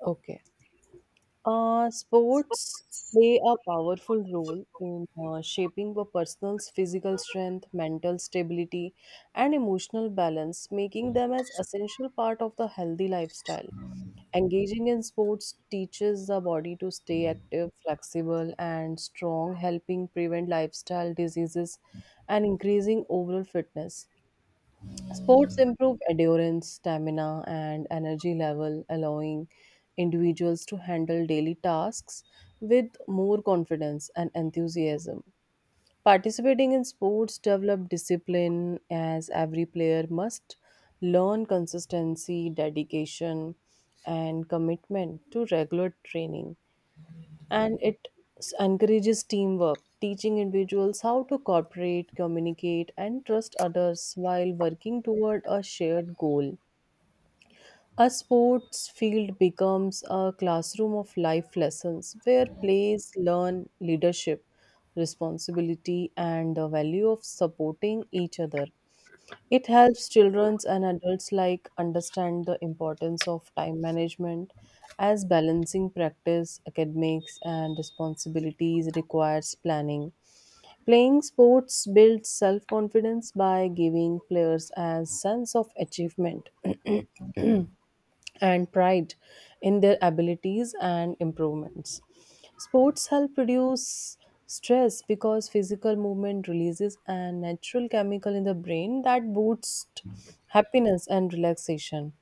Okay. Sports play a powerful role in shaping a person's physical strength, mental stability, and emotional balance, making them as essential part of the healthy lifestyle. Engaging in sports teaches the body to stay active, flexible, and strong, helping prevent lifestyle diseases and increasing overall fitness. Sports improve endurance, stamina, and energy level, allowing individuals to handle daily tasks with more confidence and enthusiasm. Participating in sports develop discipline as every player must learn consistency, dedication, and commitment to regular training and encourages teamwork, teaching individuals how to cooperate, communicate, and trust others while working toward a shared goal. A sports field becomes a classroom of life lessons where players learn leadership, responsibility, and the value of supporting each other. It helps children and adults like understand the importance of time management as balancing practice, academics and responsibilities requires planning. Playing sports builds self-confidence by giving players a sense of achievement and pride in their abilities and improvements. Sports help reduce stress because physical movement releases a natural chemical in the brain that boosts happiness and relaxation.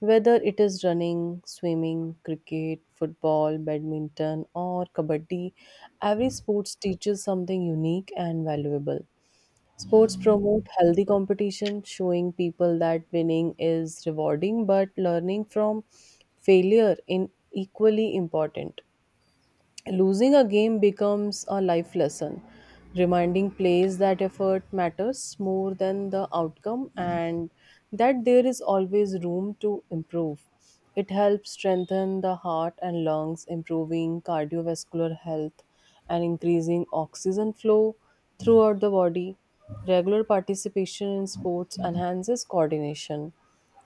Whether it is running, swimming, cricket, football, badminton, or kabaddi, every sport teaches something unique and valuable. Sports promote healthy competition, showing people that winning is rewarding, but learning from failure in equally important. Losing a game becomes a life lesson, reminding players that effort matters more than the outcome and that there is always room to improve. It helps strengthen the heart and lungs, improving cardiovascular health and increasing oxygen flow throughout the body. Regular participation in sports enhances coordination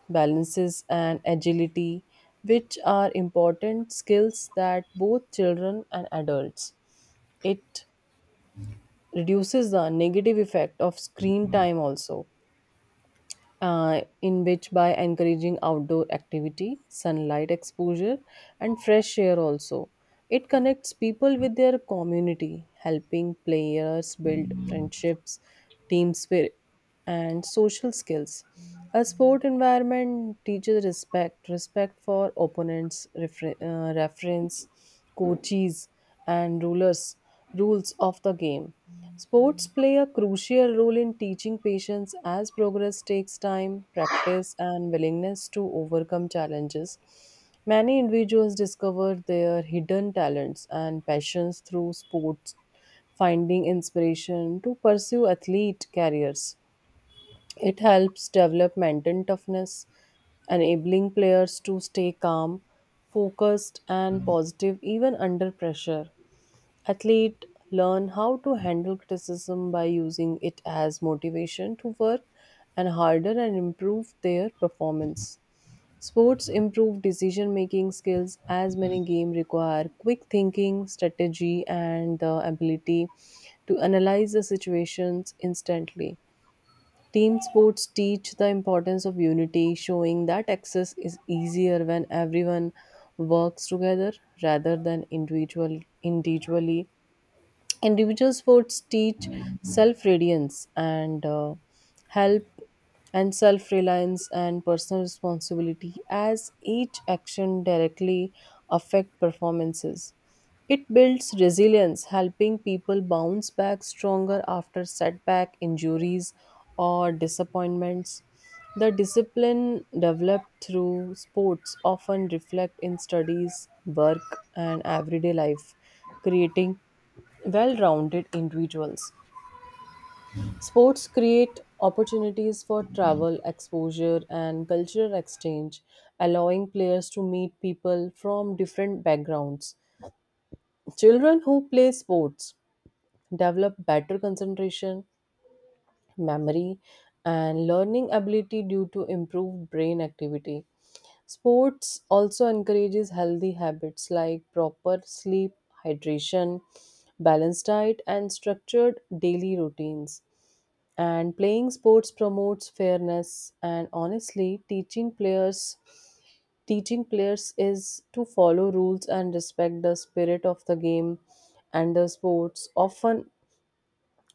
balances and agility, which are important skills that both children and adults. It reduces the negative effect of screen time also in which by encouraging outdoor activity, sunlight exposure, and fresh air also. It connects people with their community, helping players build friendships, team spirit, and social skills. A sport environment teaches respect, respect for opponents, reference, coaches, and rulers rules of the game. Sports play a crucial role in teaching patience as progress takes time, practice, and willingness to overcome challenges. Many individuals discover their hidden talents and passions through sports, finding inspiration to pursue athlete careers. It helps develop mental toughness, enabling players to stay calm, focused, and positive even under pressure. Athletes learn how to handle criticism by using it as motivation to work and harder and improve their performance. Sports improve decision making skills as many games require quick thinking, strategy, and the ability to analyze the situations instantly. Team sports teach the importance of unity, showing that access is easier when everyone works together rather than individually. Individual sports teach self reliance and help and self reliance and personal responsibility as each action directly affect performances. It builds resilience, helping people bounce back stronger after setback, injuries, or disappointments. The discipline developed through sports often reflect in studies, work, and everyday life, creating well rounded individuals. Sports create opportunities for travel, exposure, and cultural exchange, allowing players to meet people from different backgrounds. Children who play sports develop better concentration, memory and learning ability due to improved brain activity. Sports also encourages healthy habits like proper sleep, hydration, balanced diet, and structured daily routines. And playing sports promotes fairness and honestly teaching players is to follow rules and respect the spirit of the game, and the sports often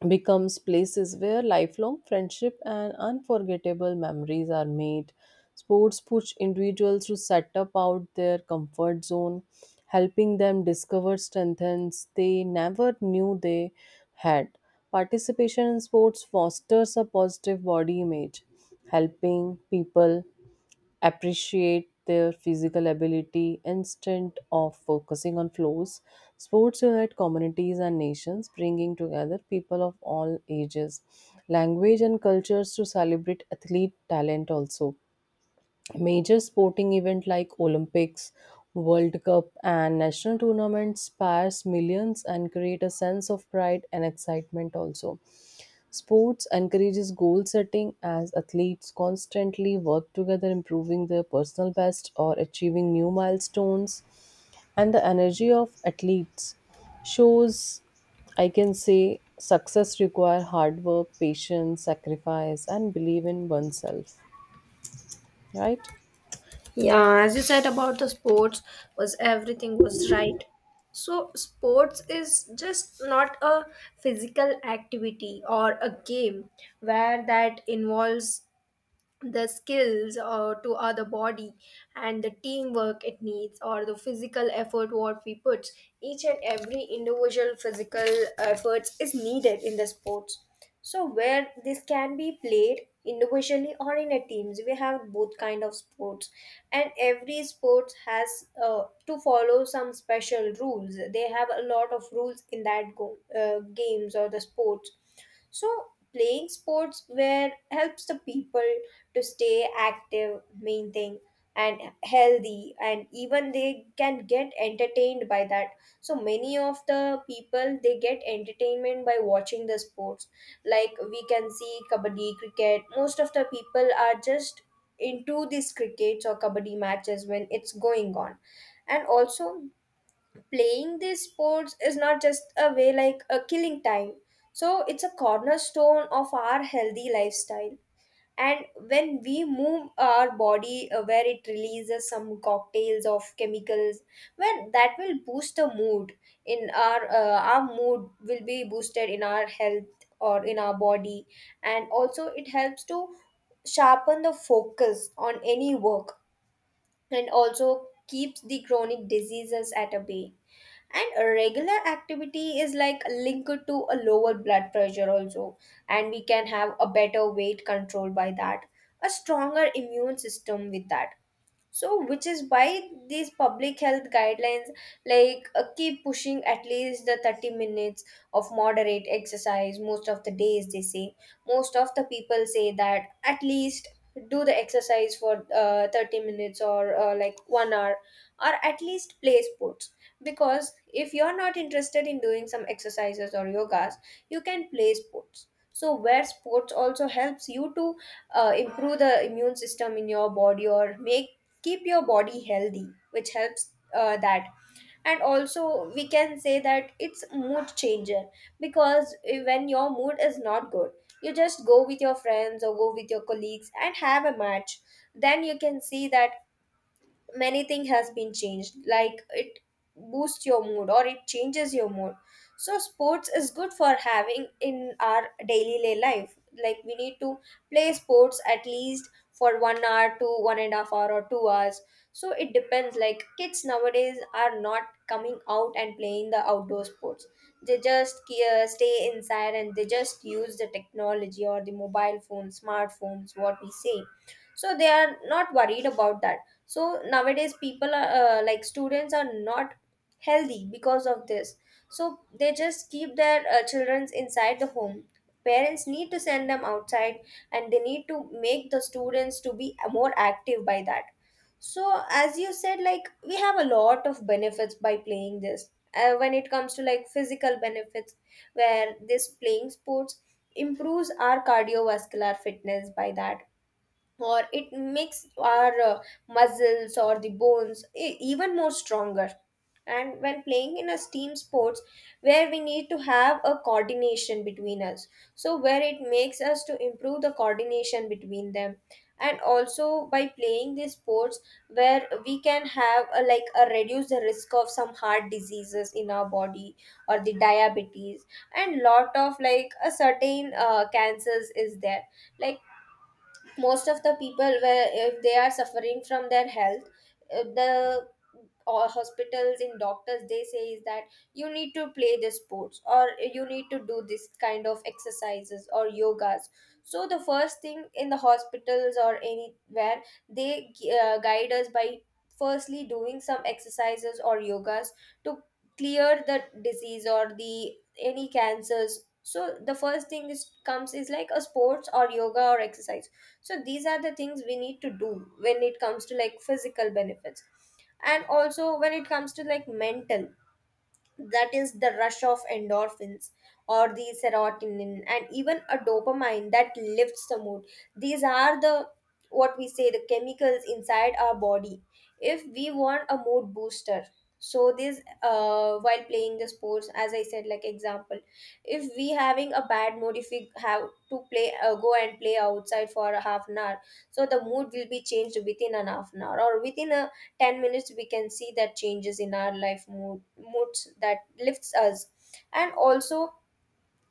becomes places where lifelong friendship and unforgettable memories are made. Sports push individuals to set up out their comfort zone, helping them discover strengths they never knew they had. Participation in sports fosters a positive body image, helping people appreciate their physical ability instead of focusing on flaws. Sports unite communities and nations, bringing together people of all ages, language, and cultures to celebrate athlete talent also. Major sporting events like Olympics, World Cup, and national tournaments spars millions and create a sense of pride and excitement also. Sports encourages goal setting as athletes constantly work together, improving their personal best or achieving new milestones. And the energy of athletes shows, I can say, success require hard work, patience, sacrifice, and believe in oneself. Right? Yeah, as you said about the sports was everything was right. So sports is just not a physical activity or a game where that involves the skills to other body and the teamwork it needs or the physical effort what we put each and every individual physical efforts is needed in the sports. So where this can be played individually or in a teams, we have both kind of sports, and every sport has to follow some special rules. They have a lot of rules in that games or the sports. So playing sports where helps the people to stay active, maintain and healthy, and even they can get entertained by that. So many of the people, they get entertainment by watching the sports, like we can see kabaddi, cricket. Most of the people are just into these crickets or kabaddi matches when it's going on. And also, playing these sports is not just a way like a killing time. So it's a cornerstone of our healthy lifestyle. And when we move our body, where it releases some cocktails of chemicals, well that will boost the mood in our mood will be boosted in our health or in our body. And also, it helps to sharpen the focus on any work, and also keeps the chronic diseases at a bay. And a regular activity is like linked to a lower blood pressure also, and we can have a better weight control by that, a stronger immune system with that. So which is why these public health guidelines, like keep pushing at least the 30 minutes of moderate exercise most of the days, they say. Most of the people say that at least do the exercise for 30 minutes or like 1 hour, or at least play sports, because if you're not interested in doing some exercises or yogas, you can play sports. So where sports also helps you to improve the immune system in your body, or make keep your body healthy, which helps that. And also, we can say that it's mood changer, because when your mood is not good, you just go with your friends or go with your colleagues and have a match. Then you can see that many thing has been changed, like it boosts your mood or it changes your mood. So sports is good for having in our daily lay life. Like, we need to play sports at least for 1 hour to 1.5 hours or 2 hours. So it depends. Like, kids nowadays are not coming out and playing the outdoor sports. They just stay inside, and they just use the technology or the mobile phone, smartphones, what we say. So they are not worried about that. So nowadays, people are like students are not healthy because of this. So they just keep their children inside the home. Parents need to send them outside, and they need to make the students to be more active by that. So as you said, like we have a lot of benefits by playing this when it comes to like physical benefits, where this playing sports improves our cardiovascular fitness by that, or it makes our muscles or the bones even more stronger. And when playing in a team sports, where we need to have a coordination between us, so where it makes us to improve the coordination between them. And also, by playing these sports, where we can have a, like a reduce the risk of some heart diseases in our body, or the diabetes, and lot of like a certain cancers is there. Like, most of the people where if they are suffering from their health, the hospitals and doctors, they say is that you need to play the sports, or you need to do this kind of exercises or yogas. So the first thing in the hospitals or anywhere, they guide us by firstly doing some exercises or yogas to clear the disease or the any cancers. So the first thing is comes is like a sports or yoga or exercise. So these are the things we need to do when it comes to like physical benefits. And also, when it comes to like mental, that is the rush of endorphins or the serotonin and even a dopamine that lifts the mood. These are the, what we say, the chemicals inside our body if we want a mood booster. So this while playing the sports, as I said, like example, if we having a bad mood, if we have to play go and play outside for a half an hour, so the mood will be changed within an half an hour or within a 10 minutes. We can see that changes in our life mood, moods that lifts us. And also,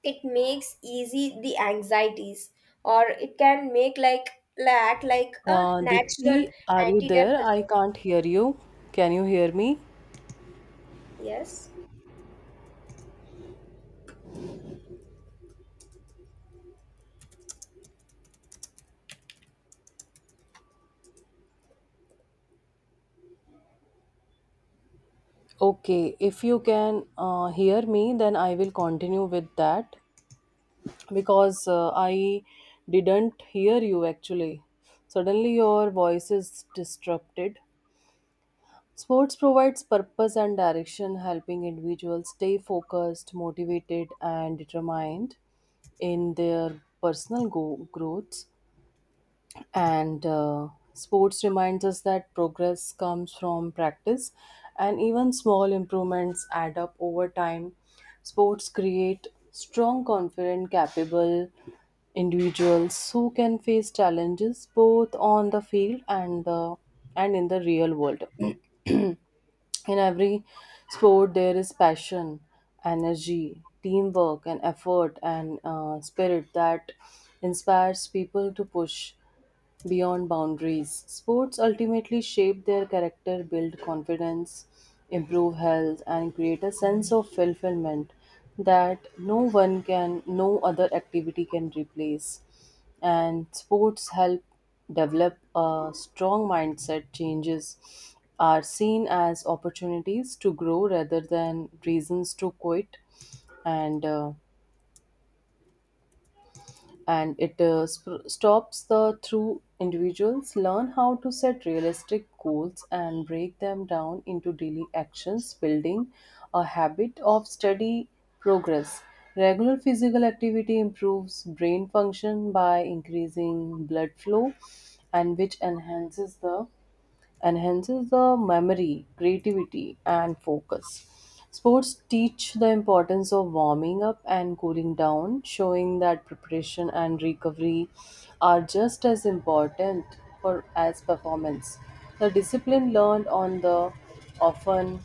it makes easy the anxieties, or it can make like act like a Uh, natural Dipti, are you there? I antidepressant. can't hear you. Can you hear me? Yes. Okay, if you can hear me, then I will continue with that because I didn't hear you actually. Suddenly, your voice is disrupted. Sports provides purpose and direction, helping individuals stay focused, motivated, and determined in their personal growth. And Sports reminds us that progress comes from practice, and even small improvements add up over time. Sports create strong, confident, capable individuals who can face challenges both on the field and in the real world. In every sport there is passion, energy, teamwork, and effort and spirit that inspires people to push beyond boundaries. Sports ultimately shape their character, build confidence, improve health, and create a sense of fulfillment that no other activity can replace. And sports help develop a strong mindset. Changes are seen as opportunities to grow rather than reasons to quit. And uh, Stops the through individuals learn how to set realistic goals and break them down into daily actions, building a habit of steady progress. Regular physical activity improves brain function by increasing blood flow and which enhances the memory, creativity, and focus. Sports teach the importance of warming up and cooling down, showing that preparation and recovery are just as important for as performance. The discipline learned on the often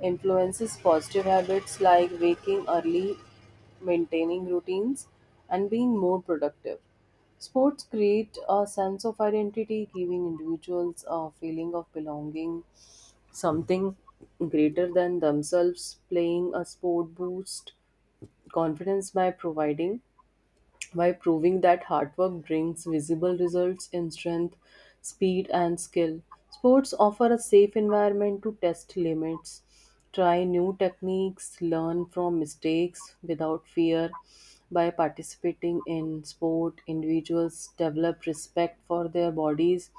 influences positive habits like waking early, maintaining routines, and being more productive. Sports create a sense of identity, giving individuals a feeling of belonging, something greater than themselves. Playing a sport boosts confidence by providing by proving that hard work brings visible results in strength, speed, and skill. Sports offer a safe environment to test limits, try new techniques, learn from mistakes without fear. By participating in sport, individuals develop respect for their bodies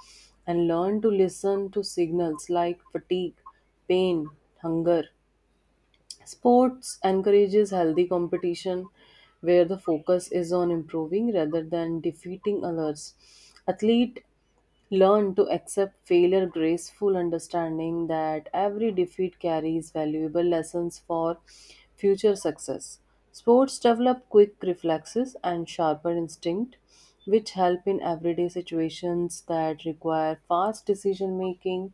and learn to listen to signals like fatigue, pain, hunger. Sports encourages healthy competition where the focus is on improving rather than defeating others. Athletes learn to accept failure graceful understanding that every defeat carries valuable lessons for future success. Sports develop quick reflexes and sharper instinct which help in everyday situations that require fast decision making.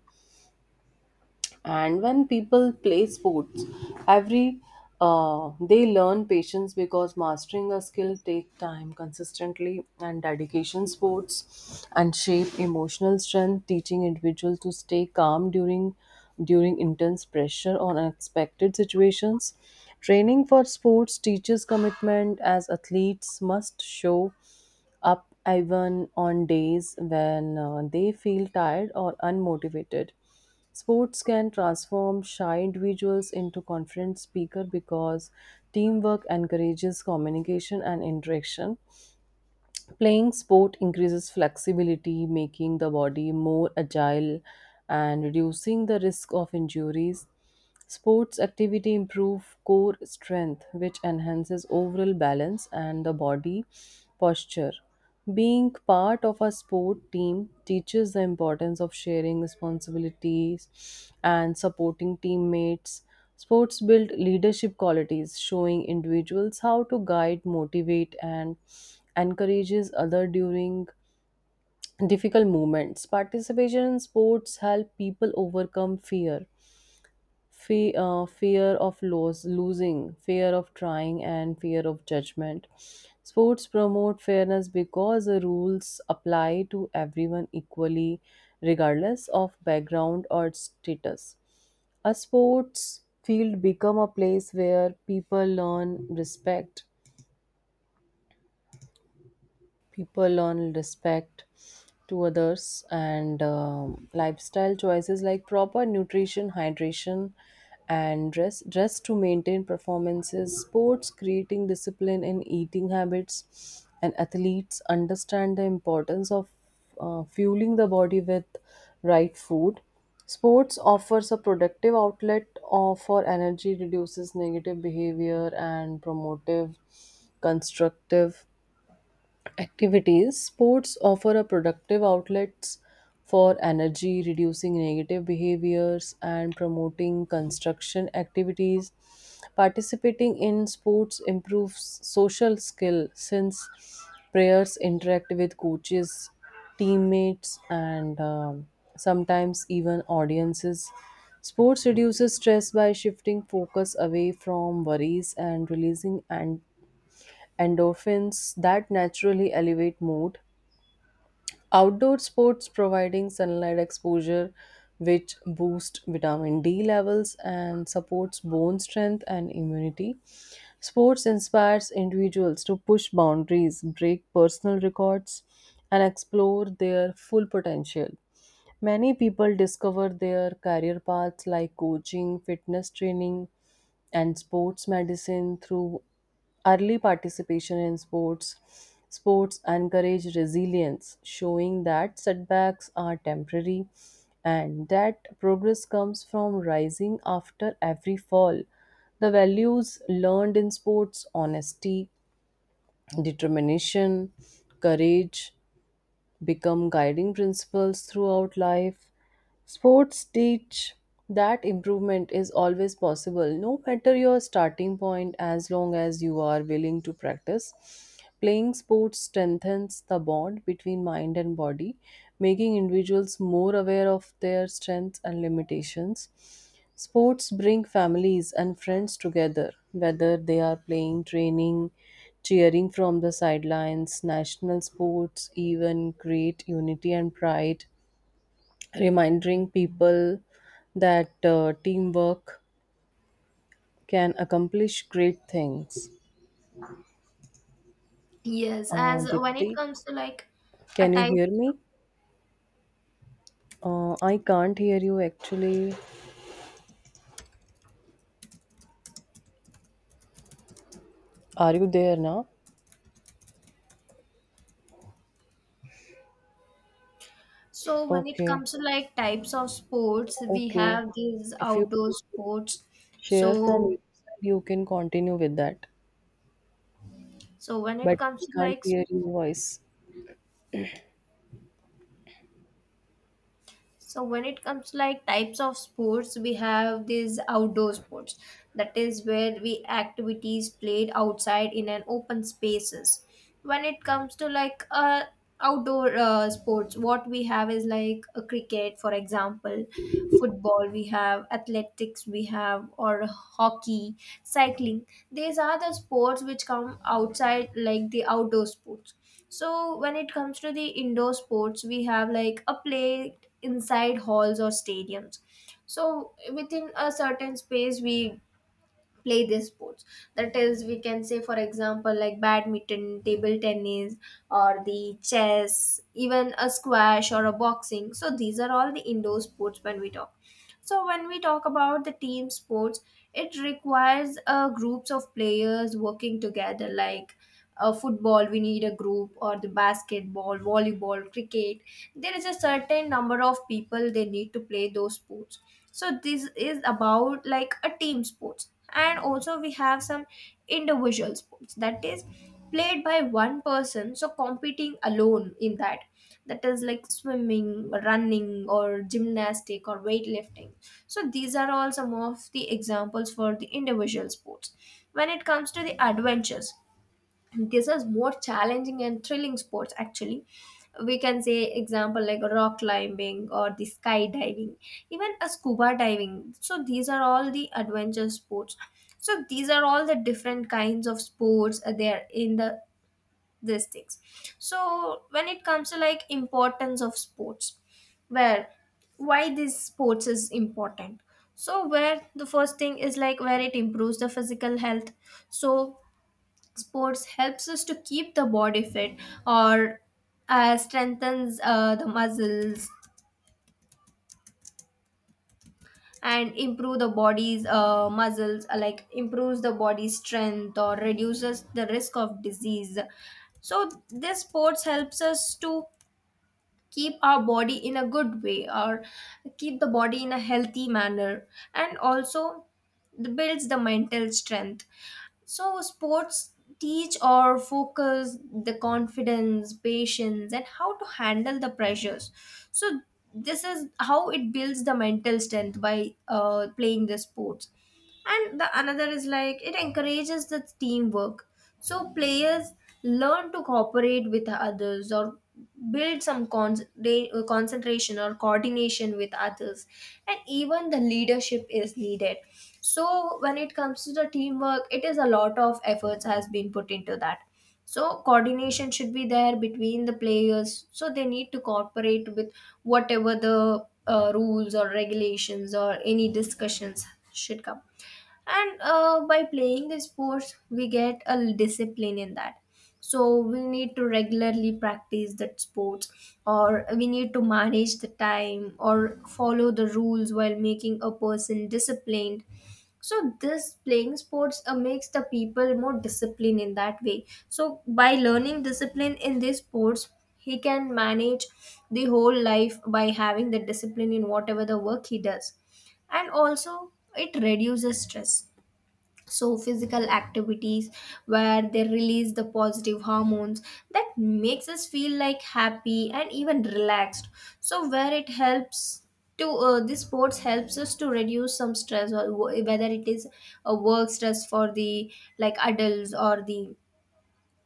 And when people play sports, every they learn patience because mastering a skill take time consistently and dedication. Sports and shape emotional strength teaching individual to stay calm during intense pressure or unexpected situations. Training for sports teaches commitment as athletes must show up even on days when they feel tired or unmotivated. Sports can transform shy individuals into confident speakers because teamwork encourages communication and interaction. Playing sport increases flexibility, making the body more agile and reducing the risk of injuries. Sports activity improve core strength, which enhances overall balance and the body posture. Being part of a sport team teaches the importance of sharing responsibilities and supporting teammates. Sports build leadership qualities, showing individuals how to guide, motivate, and encourages other during difficult moments. Participation in sports help people overcome fear, fear of loss, losing, fear of trying, and fear of judgment. Sports promote fairness because the rules apply to everyone equally, regardless of background or status. A sports field become a place where people learn respect, people learn respect to others and lifestyle choices like proper nutrition, hydration, and dress to maintain performances. Sports creating discipline in eating habits and athletes understand the importance of fueling the body with right food. Sports offers a productive outlet for energy, reduces negative behavior and promotive constructive activities. Sports offer a productive outlets for energy, reducing negative behaviors and promoting construction activities. Participating in sports improves social skill since players interact with coaches, teammates, and sometimes even audiences. Sports reduces stress by shifting focus away from worries and releasing and endorphins that naturally elevate mood. Outdoor sports providing sunlight exposure which boost vitamin D levels and supports bone strength and immunity. Sports inspires individuals to push boundaries, break personal records and explore their full potential. Many people discover their career paths like coaching, fitness training, and sports medicine through early participation in sports. Sports encourage resilience, showing that setbacks are temporary and that progress comes from rising after every fall. The values learned in sports, honesty, determination, courage become guiding principles throughout life. Sports teach that improvement is always possible, no matter your starting point, as long as you are willing to practice. Playing sports strengthens the bond between mind and body, making individuals more aware of their strengths and limitations. Sports bring families and friends together, whether they are playing, training, cheering from the sidelines. National sports even create unity and pride, reminding people that teamwork can accomplish great things. Yes, Uh, as when it Dipti, comes to like a can you type, hear me? I can't hear you actually. Are you there now? so when it Okay, comes to like types of sports, we okay. have these If you outdoor sports. share from your So, side, you can continue with that. so when it But I comes to can't like, hear your voice. so when it comes to like types of sports, we have these outdoor sports. That is where we activities played outside in an open spaces. When it comes to like outdoor sports, what we have is like a cricket, for example, football. We have athletics. We have or hockey, cycling. These are the sports which come outside like the outdoor sports. So when it comes to the indoor sports, we have like a play inside halls or stadiums. So within a certain space, we play these sports. That is, we can say, for example, like badminton, table tennis, or the chess, even a squash or a boxing. So these are all the indoor sports when we talk. So when we talk about the team sports, it requires groups of players working together, like football, we need a group, or the basketball, volleyball, cricket. There is a certain number of people they need to play those sports. So this is about like a team sports. And also, we have some individual sports, that is played by one person, so competing alone in that. That is like swimming, running, or gymnastic or weightlifting. So these are all some of the examples for the individual sports. When it comes to the adventures, this is more challenging and thrilling sports actually. We can say example like rock climbing or the skydiving, even a scuba diving. So these are all the adventure sports. So these are all the different kinds of sports they are in the these things. So when it comes to like importance of sports, where why this sports is important. So where the first thing is like where it improves the physical health. So sports helps us to keep the body fit, or strengthens the muscles and improve the body's muscles, like improves the body's strength or reduces the risk of disease. So this sports helps us to keep our body in a good way, or keep the body in a healthy manner. And also builds the mental strength. So sports teach or focus the confidence, patience, and how to handle the pressures. So this is how it builds the mental strength by playing the sports. And the another is like it encourages the teamwork. So players learn to cooperate with others, or build some concentration or coordination with others, and even the leadership is needed. So when it comes to the teamwork, it is a lot of efforts has been put into that. So coordination should be there between the players, so they need to cooperate with whatever the rules or regulations or any discussions should come. And by playing the sports, we get a discipline in that. So we need to regularly practice that sports, or we need to manage the time or follow the rules while making a person disciplined. So this playing sports makes the people more disciplined in that way. So by learning discipline in these sports, he can manage the whole life by having the discipline in whatever the work he does. And also, it reduces stress. So physical activities where they release the positive hormones that makes us feel like happy and even relaxed. So where it helps to this sports helps us to reduce some stress, or whether it is a work stress for the like adults, or the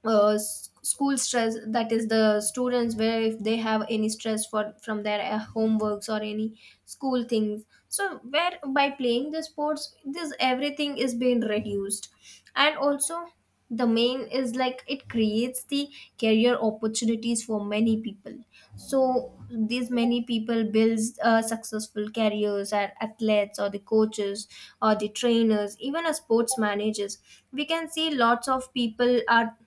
school stress, that is the students, where if they have any stress for from their homeworks or any school things. So where by playing the sports, this everything is being reduced. And also, the main is like it creates the career opportunities for many people. So these many people builds successful careers at athletes or the coaches or the trainers, even as sports managers. We can see lots of people are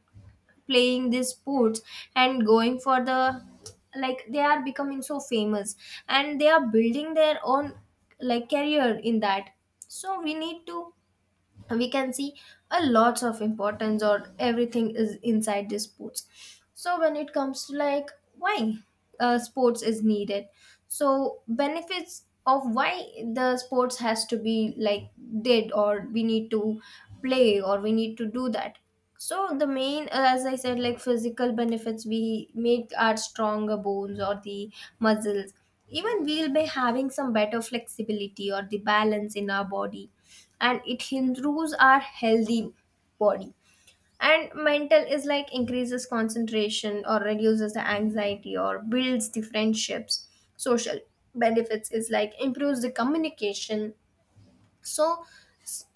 playing these sports and going for the like they are becoming so famous, and they are building their own like career in that. So we need to, we can see a lots of importance or everything is inside this sports. So when it comes to like why sports is needed, so benefits of why the sports has to be like did, or we need to play, or we need to do that. So the main as I said, like physical benefits, we make our stronger bones or the muscles. Even we'll be having some better flexibility or the balance in our body, and it improves our healthy body. And mental is like increases concentration or reduces the anxiety or builds the friendships. Social benefits is like improves the communication. So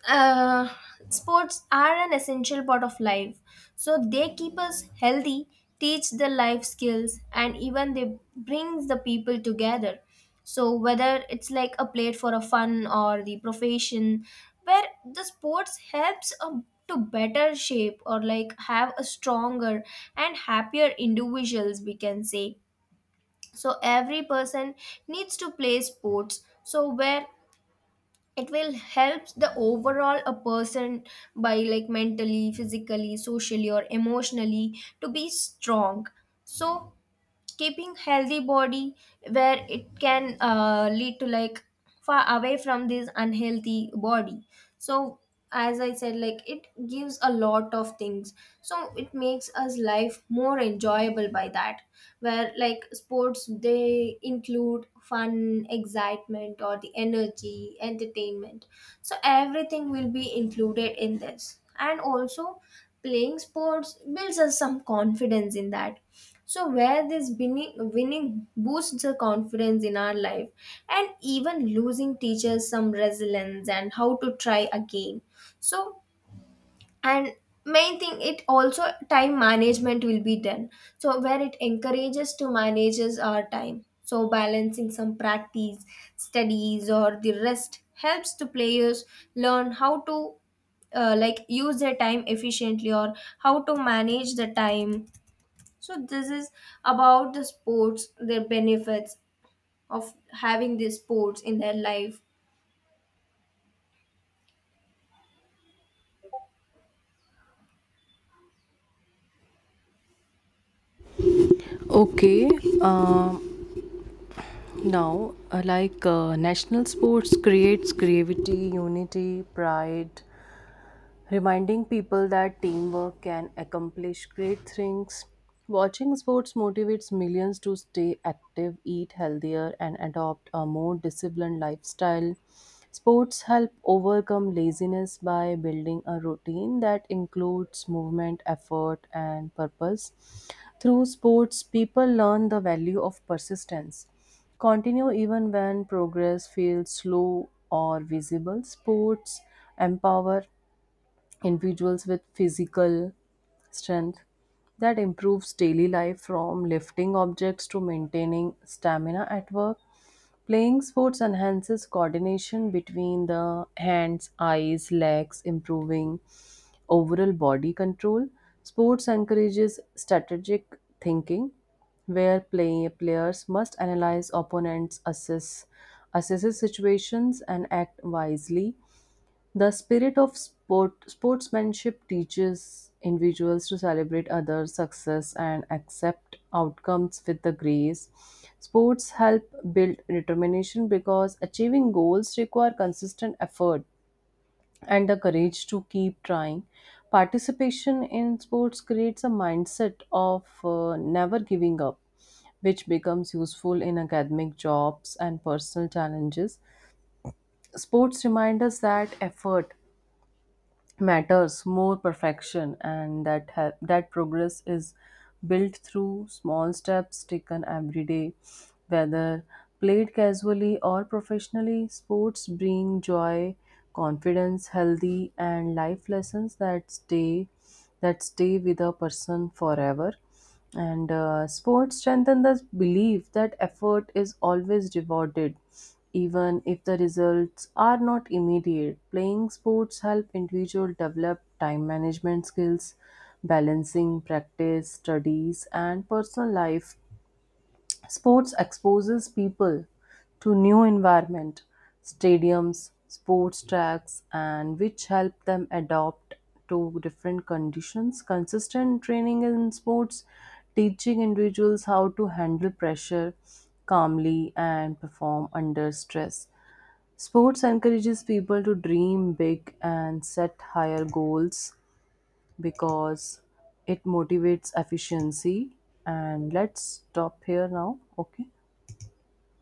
uh, sports are an essential part of life. So they keep us healthy, teach the life skills, and even they brings the people together. So whether it's like a plate for a fun or the profession, where the sports helps a to better shape, or like have a stronger and happier individuals, we can say. So every person needs to play sports, so where it will help the overall a person, by like mentally, physically, socially, or emotionally to be strong. So keeping healthy body where it can lead to like far away from this unhealthy body. So as I said, like it gives a lot of things. So it makes us life more enjoyable by that, where like sports, they include fun, excitement, or the energy, entertainment. So everything will be included in this. And also, playing sports builds us some confidence in that. So where this winning boosts the confidence in our life, and even losing teaches some resilience and how to try again. So, and main thing, it also time management will be done. So where it encourages to manages our time, so balancing some practice, studies, or the rest helps the players learn how to like use their time efficiently, or how to manage the time. So this is about the sports, their benefits of having these sports in their life. Okay. Um, now, national sports creates creativity, unity, pride, reminding people that teamwork can accomplish great things. Watching sports motivates millions to stay active, eat healthier, and adopt a more disciplined lifestyle. Sports help overcome laziness by building a routine that includes movement, effort, and purpose. Through sports, people learn the value of persistence. Continue even when progress feels slow or visible. Sports empower individuals with physical strength that improves daily life from lifting objects to maintaining stamina at work. Playing sports enhances coordination between the hands, eyes, legs, improving overall body control. Sports encourages strategic thinking where players must analyze opponents, assesses situations and act wisely. The spirit of sportsmanship teaches individuals to celebrate others' success and accept outcomes with the grace. Sports help build determination because achieving goals require consistent effort and the courage to keep trying. Participation in sports creates a mindset of never giving up which becomes useful in academic jobs and personal challenges. Sports remind us that effort matters more perfection and that progress is built through small steps taken every day. Whether played casually or professionally, sports bring joy, confidence, healthy and life lessons that stay with a person forever. And Sports strengthen the belief that effort is always rewarded, even if the results are not immediate. Playing sports help individual develop time management skills, balancing practice, studies, and personal life. Sports exposes people to new environment, stadiums, sports tracks and which help them adapt to different conditions. Consistent training in sports teaching individuals how to handle pressure calmly and perform under stress. Sports encourages people to dream big and set higher goals because it motivates efficiency and let's stop here now, okay.